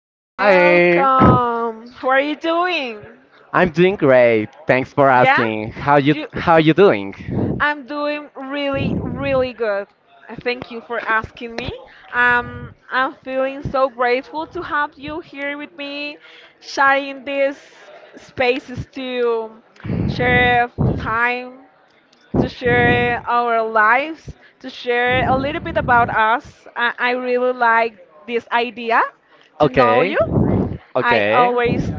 you're Hi. welcome. How are you doing? I'm doing great. Thanks for Yeah? asking. How you You how you doing? I'm doing really, really good. Thank you for asking me. I'm feeling so grateful to have you here with me, sharing these spaces to share time, to share our lives, to share a little bit about us. I really like this idea to know Okay. you. I Okay. always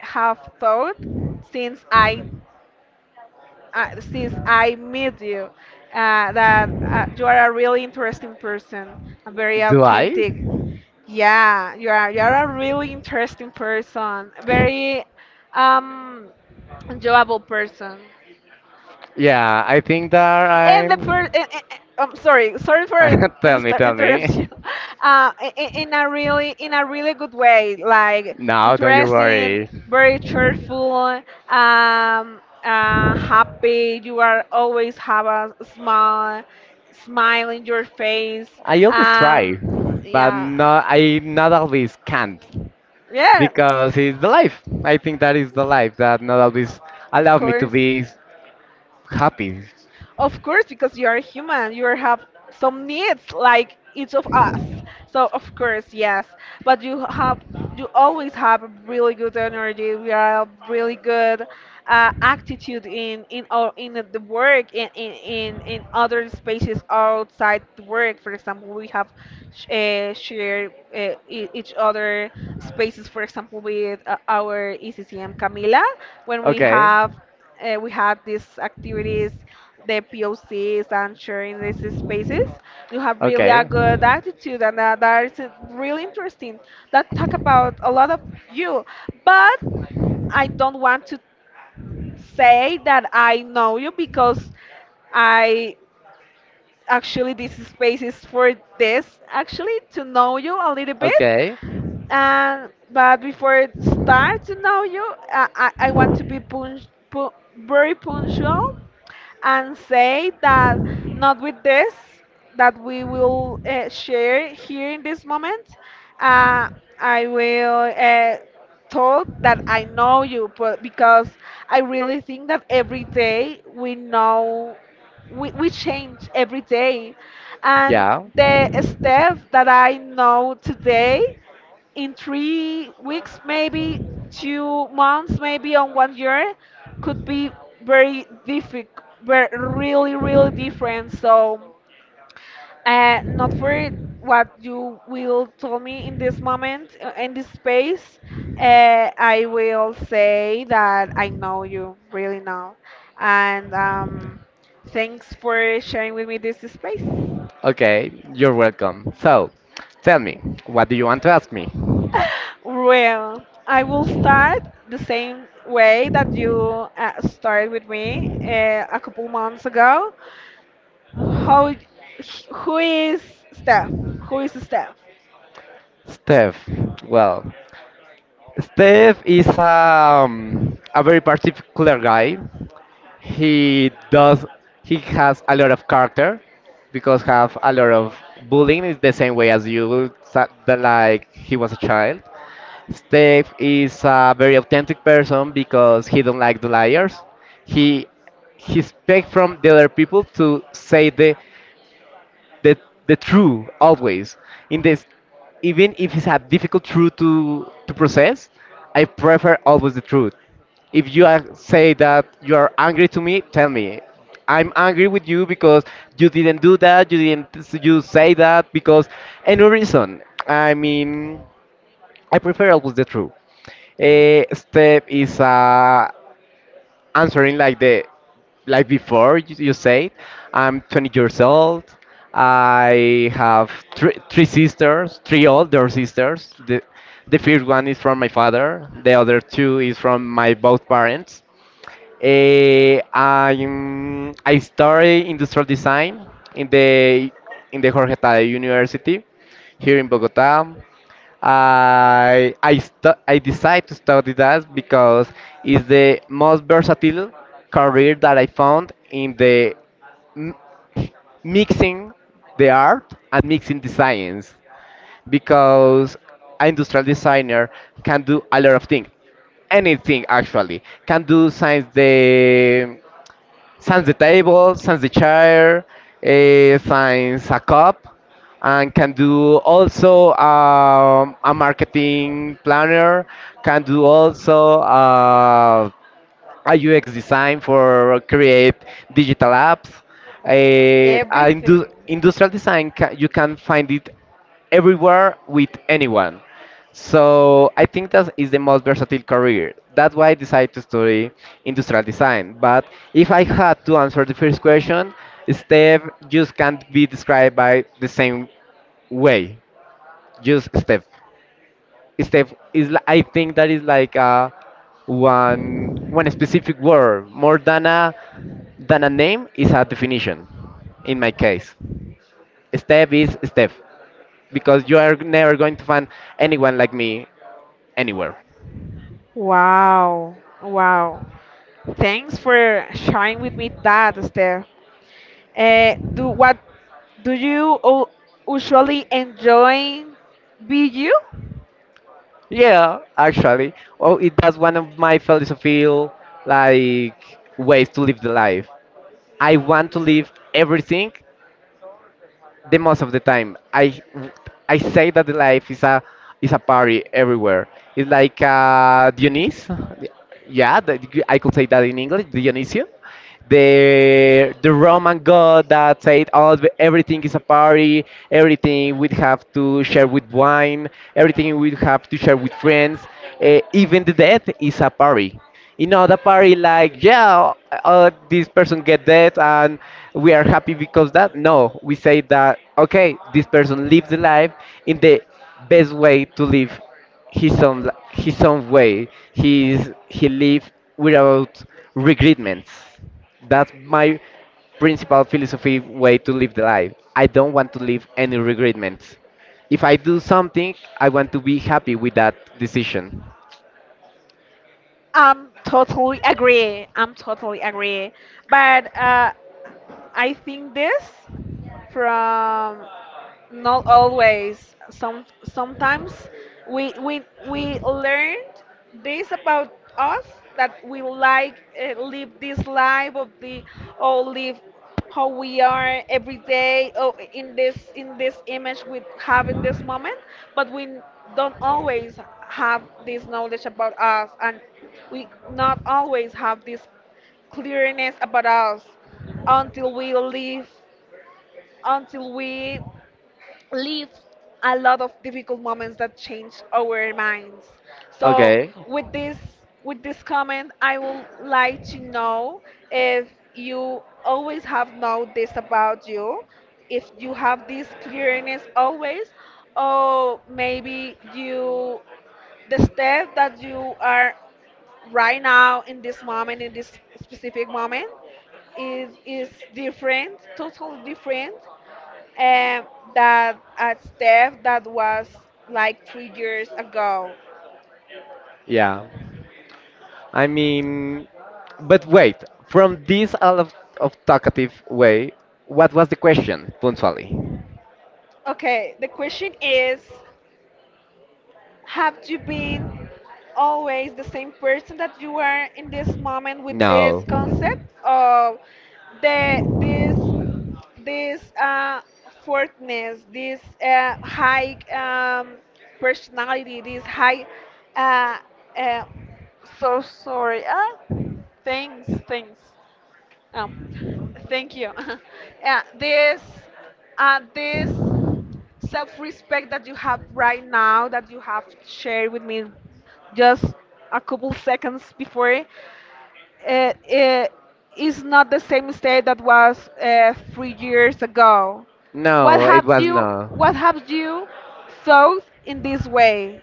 have thought since I since I met you that you are a really interesting person, a very Do I? authentic. Yeah, you are a really interesting person, very um enjoyable person. Yeah, I think that And the per- I'm and- I'm sorry, for tell me, tell me. interrupting you. In a really good way, like No, don't you interesting, worry. very cheerful, um, happy. You are always have a smile in your face. I always try, Um, but yeah, no, I not always can't. yeah, Because it's the life. I think that is the life that not always of allowed me to course. be happy. Of course, because you are human, you have some needs like each of us. So of course, yes. But you always have really good energy. We are really good attitude in our in the work in other spaces outside the work. For example, we have share each other spaces. For example, with our ECCM Camila when Okay. We had these activities, the POCs, and sharing these spaces. You have really a Okay. good attitude, and that is really interesting. That talk about a lot of you, but I don't want to say that I know you, because I actually this space is for this, actually to know you a little bit. Okay. And but before it start to know you, I want to be very punctual and say that not with this that we will share here in this moment. Uh, I will told that I know you, but because I really think that every day we change every day, and Yeah. the step that I know today in 3 weeks, maybe 2 months, maybe on one year, could be very difficult, really, really different. So, not for what you will tell me in this moment, in this space. I will say that I know you really now, and thanks for sharing with me this space. Okay, you're welcome. So, tell me, what do you want to ask me? Well, I will start the same way that you started with me a couple months ago. How, who is Steph? Who is Steph? Steph, well, Steph is a very particular guy. He does he has a lot of character because have a lot of bullying is the same way as the, like he was a child. Steph is a very authentic person because he don't like the liars. He he expect from the other people to say the the true always in this, even if it's a difficult truth to process. I prefer always the truth. If you are, say that you are angry to me, tell me I'm angry with you because you didn't do that, you didn't, you say that because any reason. I mean, I prefer always the truth. Step is a, answering like the, like before you said, I'm 20 years old. I have three sisters, three older sisters. The first one is from my father, the other two is from my both parents. Eh, I study industrial design in the in the Jorge Tadeo University here in Bogota. I decided to study that because it's the most versatile career that I found in the m- mixing the art and mixing the science, because an industrial designer can do a lot of things, anything actually. Can do science the, science the table, science the chair, science a cup, and can do also a marketing planner, can do also a UX design for create digital apps. And do, Everything. industrial design, you can find it everywhere with anyone. So I think that is the most versatile career. That's why I decided to study industrial design. But if I had to answer the first question, Steph just can't be described by the same way. Just Steph. I think that is like a one specific word, more than a name, is a definition in my case. Steph is Steph because you are never going to find anyone like me anywhere. Wow, wow. Thanks for sharing with me that, Esther. Do What do you usually enjoy video? Yeah, actually. Well, it that's one of my philosophical like ways to live the life. I want to live everything the most of the time. I say that the life is a party everywhere. It's like Dionys. Yeah, that you- I could say that in English, Dionysio. The Roman god that said, "Oh, the- everything is a party. Everything we would have to share with wine. Everything we would have to share with friends. Even the death is a party." In other party like, yeah, this person get that, and we are happy because that. No, we say that okay, this person lives the life in the best way to live his own way. He's he live without regretments. That's my principal philosophy way to live the life. I don't want to live any regretments. If I do something, I want to be happy with that decision. I'm totally agree. I'm totally agree. But I think this from not always. Sometimes we learned this about us, that we like live this life of the, or live how we are every day, or in this image we have in this moment, but we don't always have this knowledge about us, and we not always have this clearness about us until we live, until we live a lot of difficult moments that change our minds. So Okay. with this with this comment, I would like to know if you always have know this about you, if you have this clearness always, or maybe you the step that you are right now in this moment, in this specific moment, is different, totally different um, that a step that was like 3 years ago. Yeah, I mean, but wait, from this all of talkative way, what was the question, punctually? Okay, the question is, have you been always the same person that you were in this moment, with this No. concept of the this this fortness, this high personality, this high uh, uh, so sorry, things. Oh, thank you. Yeah, this self-respect that you have right now, that you have shared with me just a couple seconds before, it is not the same state that was 3 years ago. What No, it have was you? no. What have you thought in this way?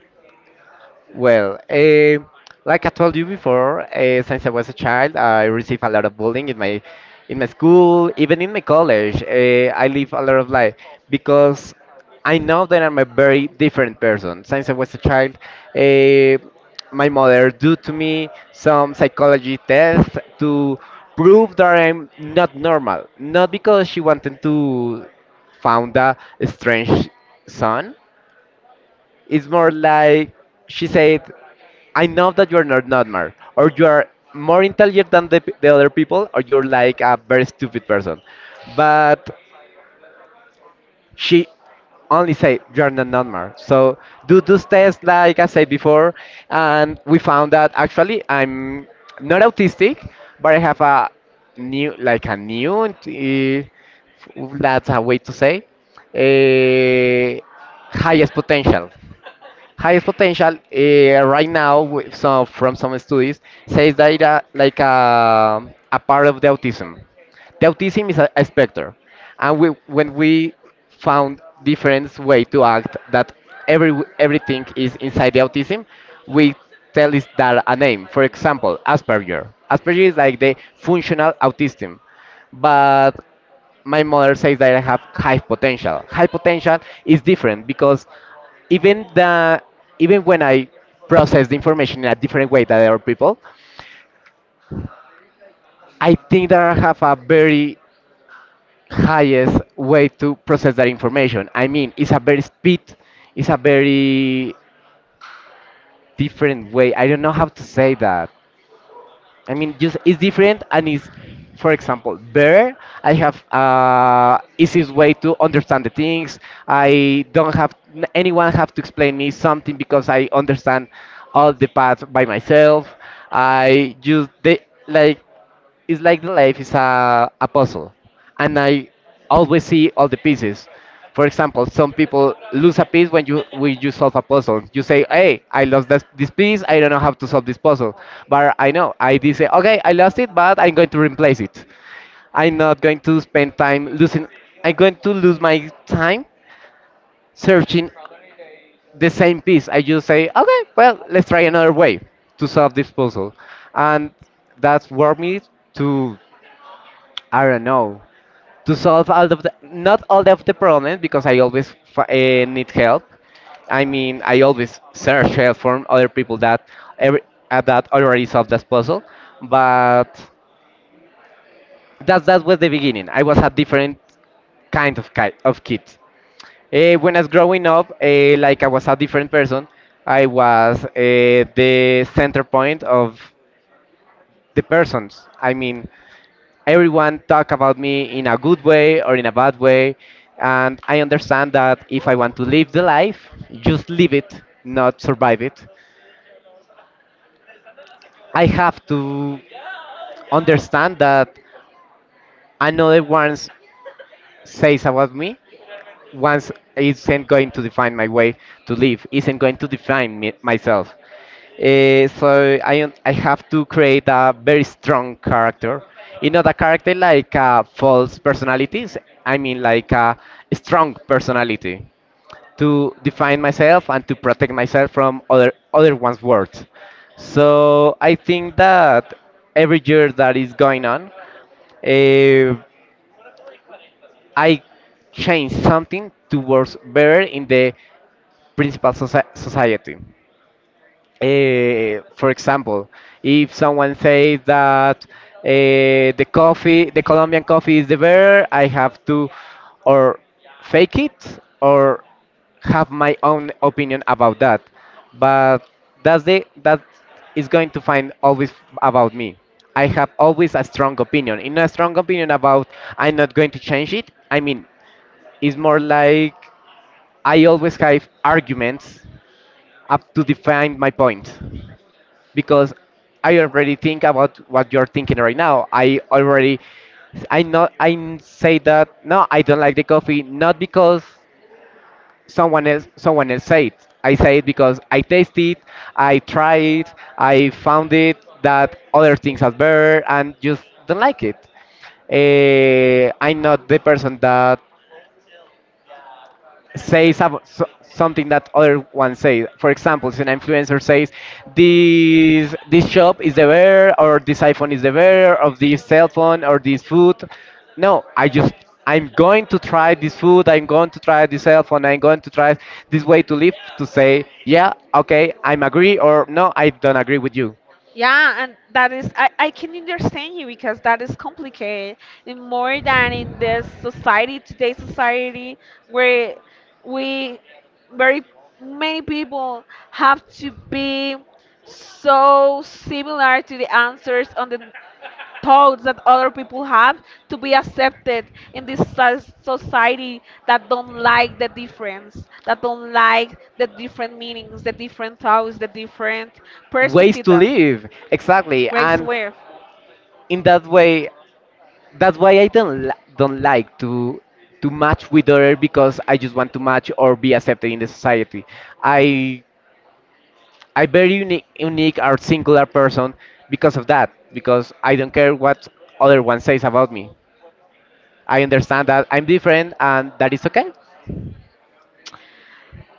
Well, eh, like I told you before, eh, since I was a child, I received a lot of bullying in my school, even in my college. Eh, I live a lot of life because I know that I'm a very different person. Since I was a child, eh, my mother do to me some psychology test to prove that I'm not normal. Not because she wanted to found a strange son, it's more like she said, I know that you're not normal, or you are more intelligent than the, p- the other people, or you're like a very stupid person. But she only said, You're not normal. So do those tests, like I said before, and we found that actually I'm not autistic, but I have a new, like a new, eh, that's a way to say, a highest potential, highest potential right now. With some, from some studies, says that it, like a part of the autism, the autism is a spectrum, and we, when we found different way to act that every, everything is inside the autism, we tell it that a name, for example Asperger. Asperger is like the functional autism. But my mother says that I have high potential. High potential is different because even the, even when I process the information in a different way than other people, I think that I have a very highest way to process that information. I mean, it's a very speed, it's a very different way. I don't know how to say that. I mean, just it's different, and it's, for example, there I have easiest way to understand the things. I don't have n- Anyone have to explain me something because I understand all the paths by myself. I just they like, it's like the life is a puzzle, and I always see all the pieces. For example, some people lose a piece. When you when you solve a puzzle, you say, hey, I lost this piece, I don't know how to solve this puzzle. But I know I did say, okay, I lost it, but I'm going to replace it. I'm not going to spend time losing, I'm going to lose my time searching the same piece. I just say, okay, well, let's try another way to solve this puzzle. And that's worth me to, I don't know, to solve all of the, not all of the problems, because need help. I mean, I always search help from other people that every, that already solved this puzzle. But that that was the beginning. I was a different kind of of kid. Eh, when I was growing up, eh, like I was a different person. I was eh, the center point of the persons. I mean, everyone talk about me in a good way or in a bad way, and I understand that if I want to live the life, just live it, not survive it, I have to understand that another one's says about me once isn't going to define my way to live, isn't going to define me, myself. Eh, so I have to create a very strong character. You know, the character like false personalities. I mean, like a strong personality to define myself and to protect myself from other one's words. So I think that every year that is going on, eh, I change something towards better in the principal society. Eh, for example, if someone says that eh, the coffee, the Colombian coffee is the better, I have to or fake it or have my own opinion about that. But that's the that is going to find always about me. I have always a strong opinion. In a strong opinion about I'm not going to change it. I mean, it's more like I always have arguments up to define my point, because I already think about what you're thinking right now. I already, I not, say that no, I don't like the coffee, not because someone else say it. I say it because I taste it, I try it, I found it that other things are better, and just don't like it. Eh, I'm not the person that say so something that other one says. For example, if an influencer says, "This shop is the bear, or this iPhone is the bear, or this cell phone, or this food." No, I just, I'm going to try this food, I'm going to try this cell phone, I'm going to try this way to live, to say, yeah, okay, I'm agree, or no, I don't agree with you. Yeah, and that is, I can understand you, because that is complicated, and more than in this society, today's society, where we, very many people have to be so similar to the answers on the thoughts that other people have, to be accepted in this society that don't like the difference, that don't like the different meanings, the different thoughts, the different Ways perspectives. to live, exactly. Grace And live. in that way, that's why I don't li- don't like to match with other, because I just want to match or be accepted in the society. i I very unique, unique or singular person because of that. Because I don't care what other one says about me. I understand that I'm different and that is okay.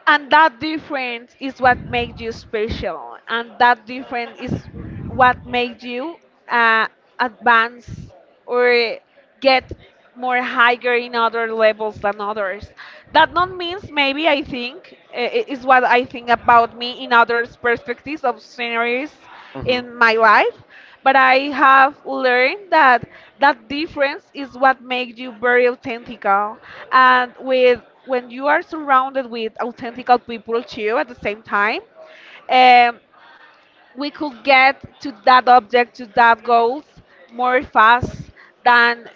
And that difference is what makes you special. And that difference is what makes you uh, advance or get more higher in other levels than others. That not means, maybe I think is what I think about me in others' perspectives of scenarios Hmm. in my life, but I have learned that that difference is what makes you very authentic. And with when you are surrounded with authentic people too at the same time, um, we could get to that object, to that goals more fast than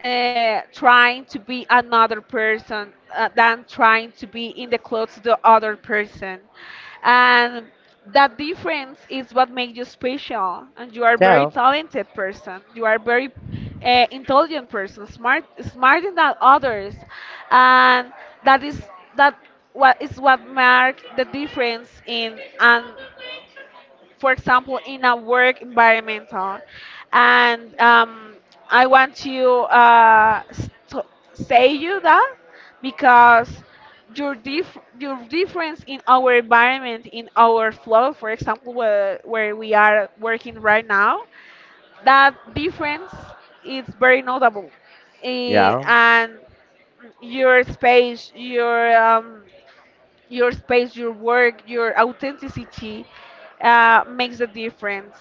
trying to be another person, than trying to be in the clothes of the other person. And that difference is what makes you special. And you are a very Ciao. talented person. You are a very intelligent person, smarter than others. And that is that what is what mark the difference in an for example, in a work environment, and I want to uh, st- say you that, because your difference in our environment, in our flow, for example, where we are working right now, that difference is very notable. Yeah. And your space, your work, your authenticity makes a difference.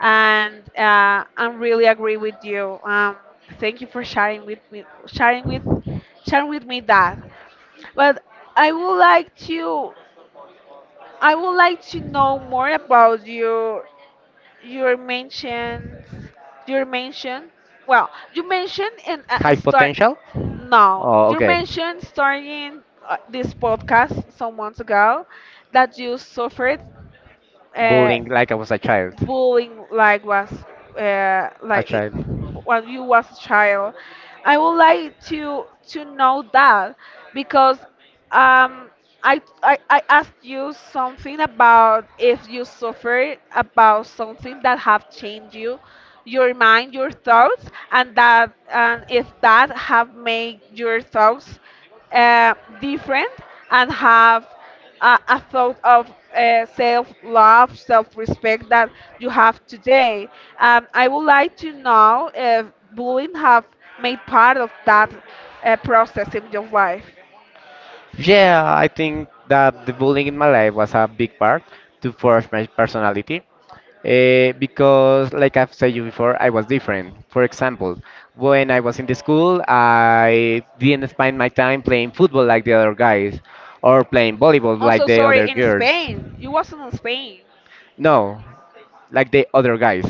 And I really agree with you. Thank you for sharing with me that. But I would like to, I would like to know more about your mentions your mention. Well, you mentioned and High start potential? no Oh, you okay. mentioned starting this podcast some months ago, that you suffered uh, Bullying like I was a child. bullying, uh, A like it, child. when you was a child. I would like to know that because um, I asked you something about if you suffer about something that have changed you, your mind, your thoughts, and that, and if that have made your thoughts uh, different, and have a thought of self love, self respect that you have today. I would like to know if bullying have made part of that process in your life. Yeah, I think that the bullying in my life was a big part to forge my personality. Because, like I've said you before, I was different. For example, when I was in the school, I didn't spend my time playing football like the other guys, or playing volleyball like Also, the sorry, other in girls. Spain, you wasn't in Spain. No, like the other guys.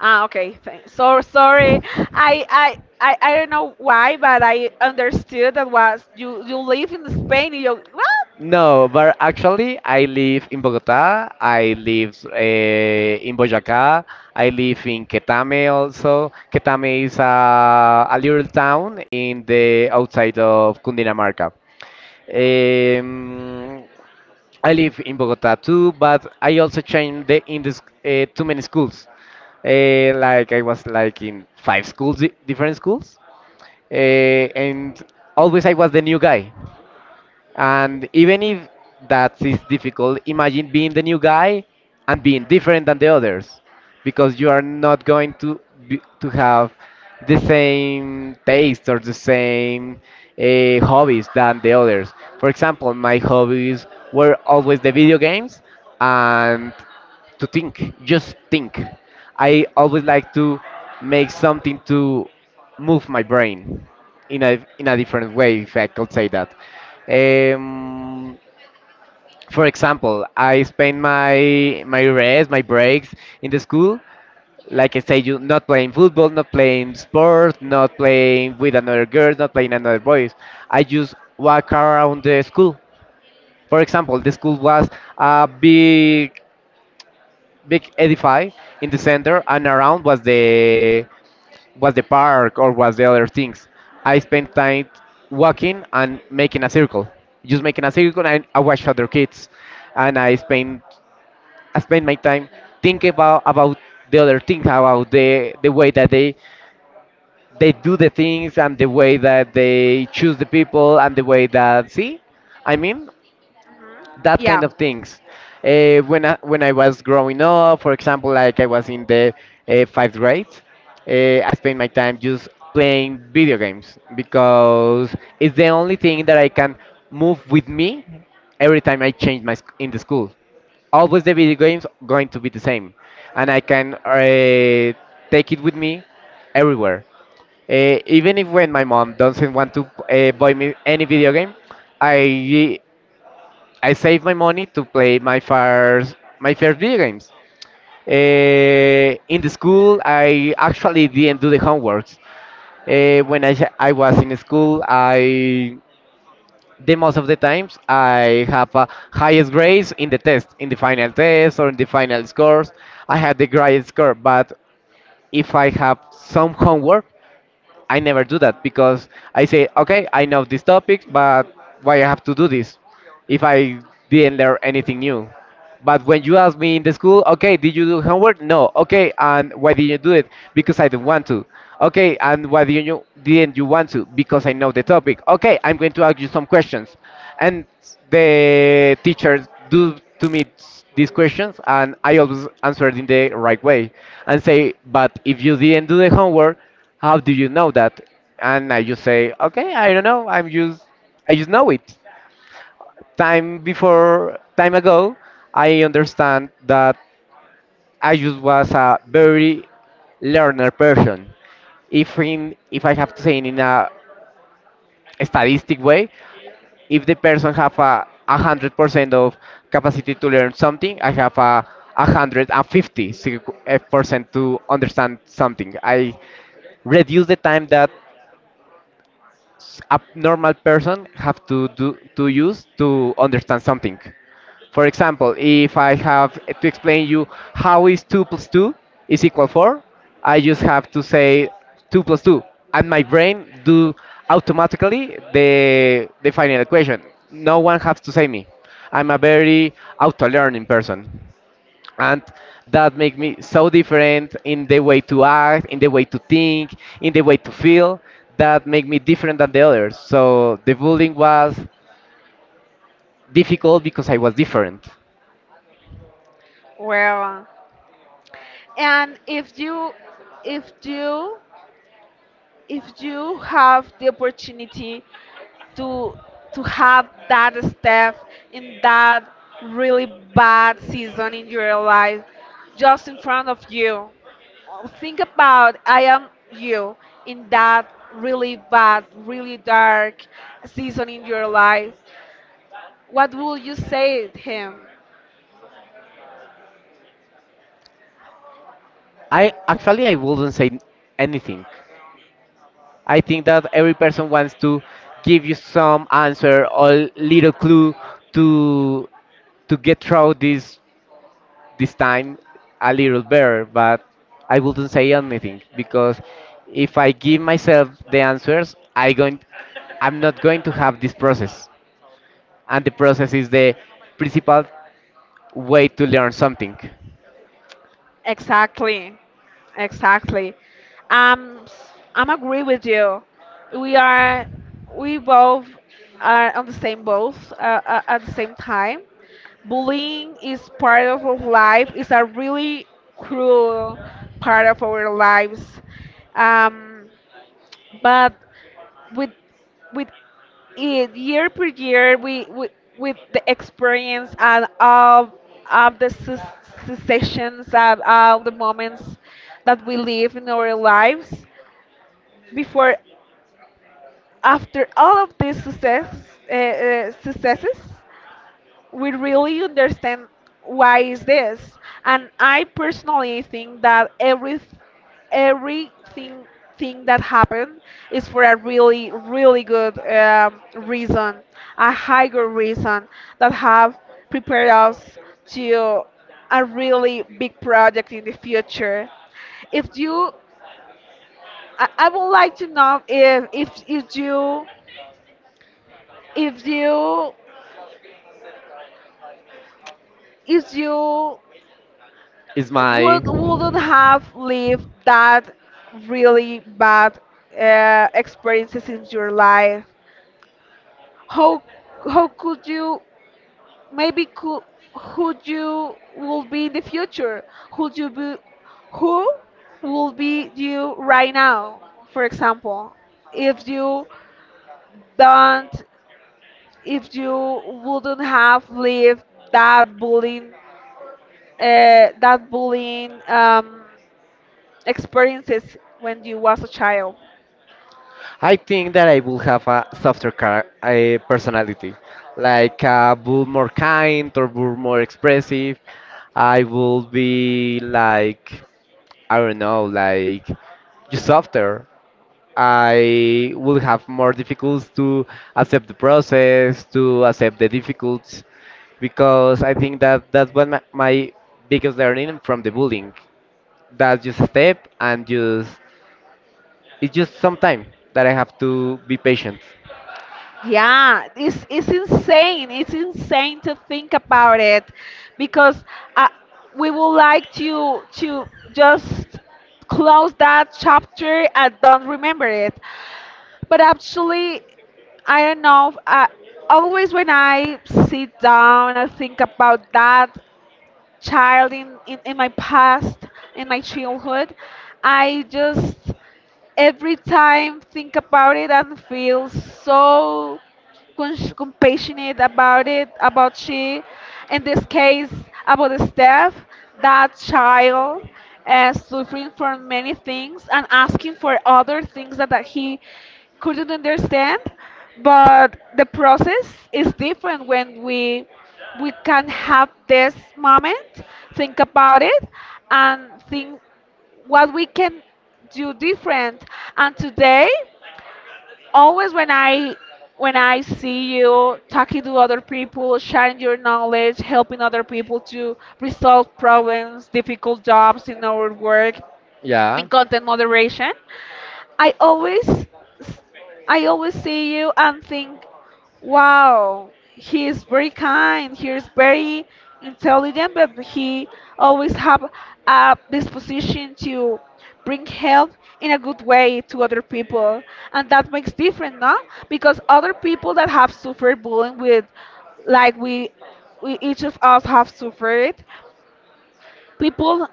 Ah, okay. Thanks. So sorry. I don't know why, but I understood that was you live in Spain. You what? No, but actually, I live in Bogota. I live in Boyacá. I live in Quetame also. Quetame is a little town in the outside of Cundinamarca. Um, I live in Bogota too, but I also changed the, in this too many schools. Like I was like in five schools, different schools, and always I was the new guy. And even if that is difficult, imagine being the new guy and being different than the others because you are not going to be, to have the same taste or the same hobbies than the others. For example, my hobbies were always the video games and to think, just think. I always like to make something to move my brain in a different way, if I could say that. Um, for example, I spend my rest, my breaks in the school. Like I say, you not playing football, not playing sport, not playing with another girl, not playing another boys. I just walk around the school. For example, the school was a big big edify in the center, and around was the park or was the other things. I spent time walking and making a circle, just making a circle, and I watched other kids, and I spent my time thinking about the other things, about the way that they do the things and the way that they choose the people and the way that see. I mean, Mhm. that kind Yeah. of things. When I was growing up, for example, like I was in the fifth grade, I spent my time just playing video games because it's the only thing that I can move with me every time I change my in the school. Always the video games going to be the same, and I can take it with me everywhere. Even if when my mom doesn't want to buy me any video game, I I saved my money to play my first video games. In the school, I actually didn't do the homeworks. I was in school, I the most of the times I have a highest grades in the test, in the final test or in the final scores. I had the highest score, but if I have some homework, I never do that because I say, okay, I know these topics, but why I have to do this? If I didn't learn anything new. But when you ask me in the school, okay, did you do homework? No. Okay, and why did you do it? Because I do not want to. Okay, and why did you didn't you want to? Because I know the topic. Okay, I'm going to ask you some questions, and the teachers do to me these questions, and I always answer it in the right way, and say, but if you didn't do the homework, how do you know that? And I just say, okay, I don't know. I just know it time before time ago, I understand that I just was a very learner person. If I have to say in a statistic way, if the person have 100% of capacity to learn something, I have 150% to understand something. I reduce the time that a normal person have to do to use to understand something. For example, if I have to explain you how is 2 plus 2 is equal 4, I just have to say 2 plus 2, and my brain do automatically the final equation. No one has to say me. I'm a very auto-learning person. And that make me so different in the way to act, in the way to think, in the way to feel, that make me different than the others. So the bullying was difficult because I was different. Well, and if you, if you have the opportunity to to have that step in that really bad season in your life, just in front of you. Oh, think about I am you in that really bad, really dark season in your life. What will you say to him? I wouldn't say anything. I think that every person wants to give you some answer or little clue to to get through this time a little better, but I wouldn't say anything because if I give myself the answers, I'm not going to have this process. And the process is the principal way to learn something. Exactly, exactly. I'm agree with you. We are, we both are on the same boat at the same time. Bullying is part of our life. It's a really cruel part of our lives. Um, but with with it, year per year, we with the experience and of the sessions, and all the moments that we live in our lives before, after all of these successes, we really understand why is this. And I personally think that every everything thing that happened is for a really really good reason, a higher reason that have prepared us to a really big project in the future. If you I would like to know if you if you Is my wouldn't have lived that really bad experiences in your life. How how could you, maybe could who you will be in the future, who you be who will be you right now? For example, if you don't if you wouldn't have lived that bullying that bullying experiences when you was a child. I think that I will have a a personality, like will more kind or be more expressive. I will be like I don't know, like just softer. I will have more difficulties to accept the process, to accept the difficulties, because I think that that's what my biggest learning from the bullying. That's just a step and just it's just some time that I have to be patient. Yeah, it's insane. It's insane to think about it, because uh, we would like to just close that chapter and don't remember it. But actually, I don't know. Always when I sit down and think about that child in my past, in my childhood, I just every time think about it and feel so compassionate about it, about she, in this case, about the staff, that child suffering from many things and asking for other things that he couldn't understand. But the process is different when we can have this moment, think about it, and think what we can do different. And today, always when I see you talking to other people, sharing your knowledge, helping other people to resolve problems, difficult jobs in our work, Yeah. in content moderation, I always I always see you and think, wow, he is very kind, he is very intelligent, but he always have a disposition to bring help in a good way to other people. And that makes different, no? Because other people that have suffered bullying with like we each of us have suffered, people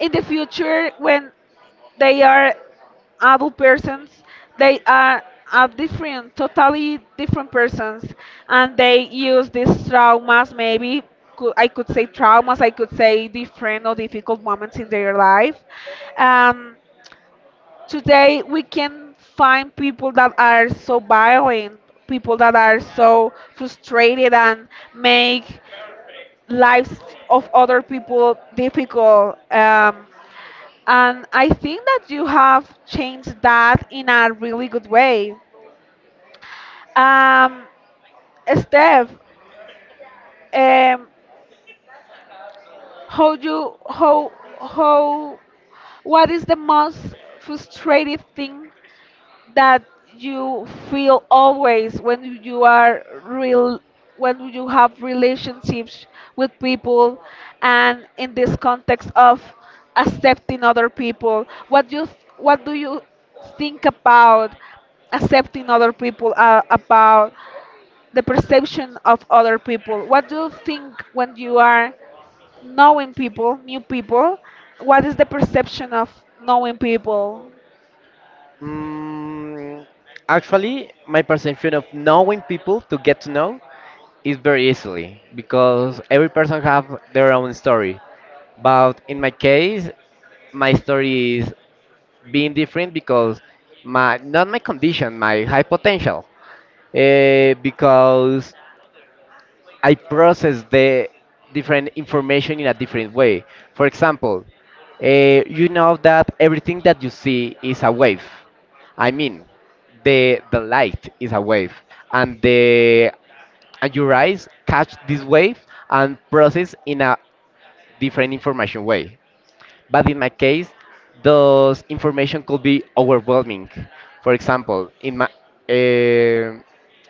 in the future when they are adult persons, they are a different totally different persons, and they use these traumas, maybe I could say traumas, I could say different or difficult moments in their life. um, Today we can find people that are so violent, people that are so frustrated and make lives of other people difficult. And I think that you have changed that in a really good way. Um, Steph, um, how you how what is the most frustrating thing that you feel always, when you are real when you have relationships with people, and in this context of accepting other people, what do you think about accepting other people, about the perception of other people? What do you think when you are knowing people, new people? What is the perception of knowing people? Mm, actually, my perception of knowing people to get to know is very easily because every person have their own story. But in my case, my story is being different because my not my condition, my high potential. Because I process the different information in a different way. For example, uh, you know that everything that you see is a wave. I mean, the light is a wave, and the and your eyes catch this wave and process in a different information way. But in my case, those information could be overwhelming. For example, eh,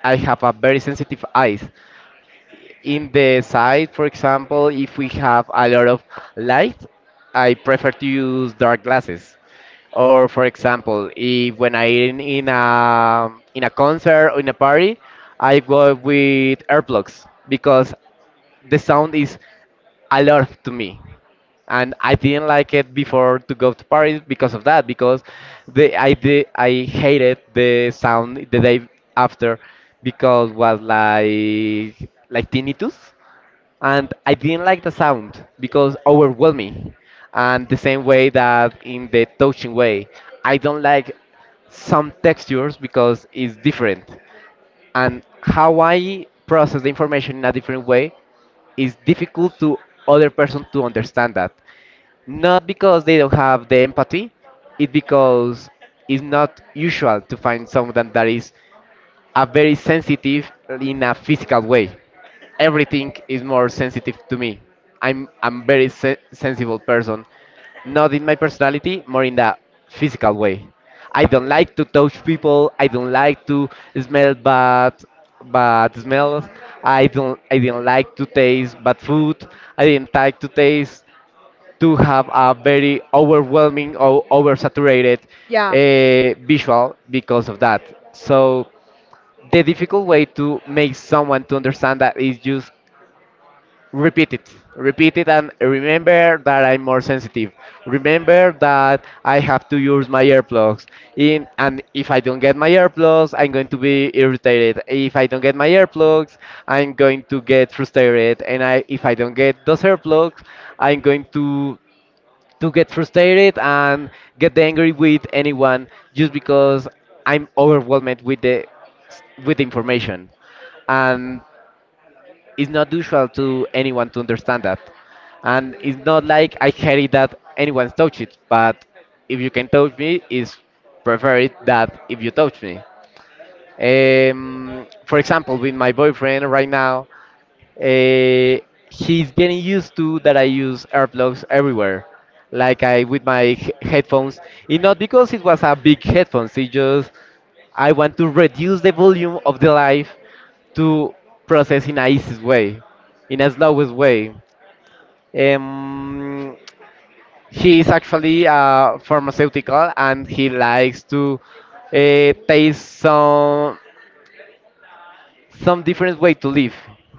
I have a very sensitive eyes, in the side, for example, if we have a lot of light, I prefer to use dark glasses. Or for example, if when I in a concert or in a party, I go with earplugs because the sound is a lot to me. And I didn't like it before to go to Paris because of that, because I hated the sound the day after because was like tinnitus and I didn't like the sound because overwhelming. And the same way that in the touching way, I don't like some textures because it's different. And how I process the information in a different way is difficult to other person to understand that. Not because they don't have the empathy, it's because it's not usual to find someone that is a very sensitive in a physical way. Everything is more sensitive to me. I'm very sensible person, not in my personality, more in the physical way. I don't like to touch people. I don't like to smell bad smells. I didn't like to taste bad food. I didn't like to taste to have a very overwhelming or oversaturated Yeah. Visual because of that. So the difficult way to make someone to understand that is just repeat it and remember that I'm more sensitive, remember that I have to use my earplugs in and if I don't get my earplugs I'm going to be irritated, if I don't get my earplugs I'm going to get frustrated, and I if I don't get those earplugs I'm going to get frustrated and get angry with anyone just because I'm overwhelmed with the information, and it's not usual to anyone to understand that, and it's not like I hate it that anyone's touch it, but if you can touch me, it's preferred that if you touch me. For example, with my boyfriend right now, uh, he's getting used to that I use earplugs everywhere, like I with my headphones. It's not because it was a big headphones. It just I want to reduce the volume of the life to process in a easiest way, in a slowest way. Um, he is actually a pharmaceutical and he likes to taste some. Some different way to live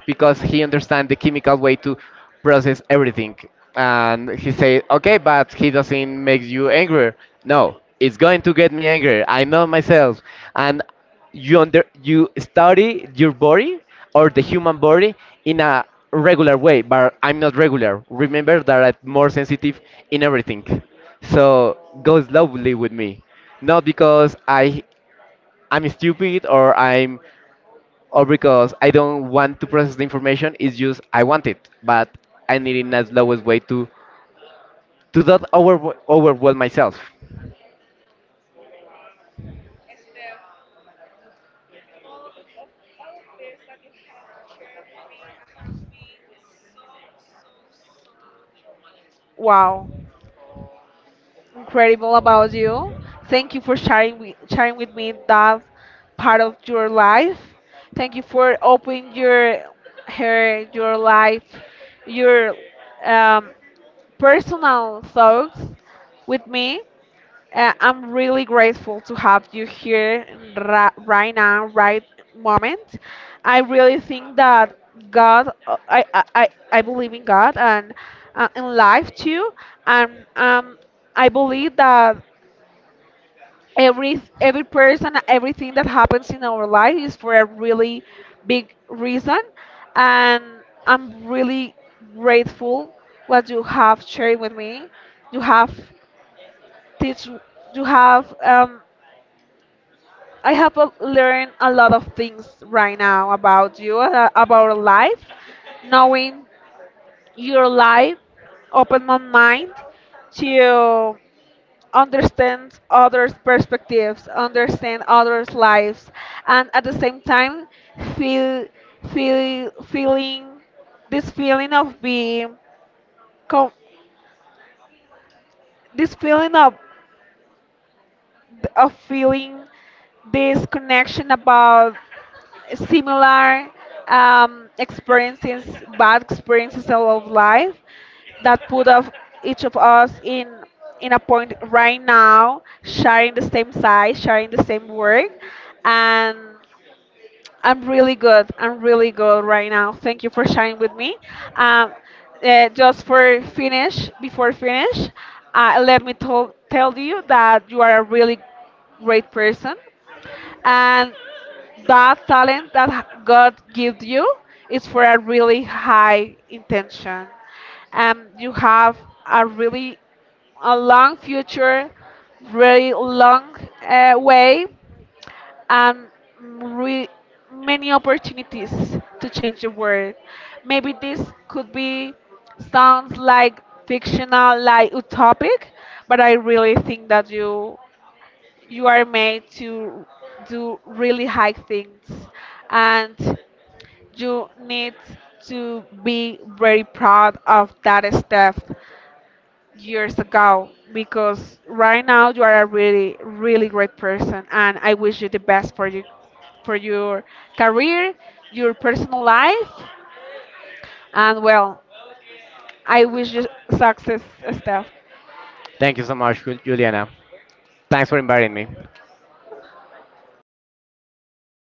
because he understands the chemical way to process everything. And he said, okay, but he doesn't make you angrier. No, it's going to get me angry. I know myself. And you under you study your body or the human body in a regular way, but I'm not regular. Remember that I'm more sensitive in everything. So go slowly with me. Not because I'm stupid or I'm or because I don't want to process the information. It's just I want it, but I need it in the slowest way to not overwhelm myself. Wow, incredible about you. Thank you for sharing with me that part of your life. Thank you for opening your life, your um, personal thoughts with me. I'm really grateful to have you here, right now, right moment. I really think that God, I believe in God, and in life too. And I believe that every person, everything that happens in our life, is for a really big reason. And I'm really grateful what you have shared with me. You have teach, you have I have learned a lot of things right now about you, about life. Knowing your life opened my mind to understand others' perspectives, understand others' lives, and at the same time feel, feeling, this feeling of being co- this feeling of feeling this connection about similar experiences, bad experiences of life, that put of each of us in a point right now, sharing the same side, sharing the same work, and I'm really good. I'm really good right now. Thank you for sharing with me. Um, just for finish, before finish, let me tell you that you are a really great person, and that talent that God gives you is for a really high intention. You have a really a long future, really long way, and re- many opportunities to change the world. Maybe this could be sounds like fictional, like utopic, but I really think that you are made to do really high things, and you need to be very proud of that step years ago, because right now you are a really really great person, and I wish you the best for you for your career, your personal life, and well, I wish you success, Steph. Thank you so much, Juliana. Thanks for inviting me.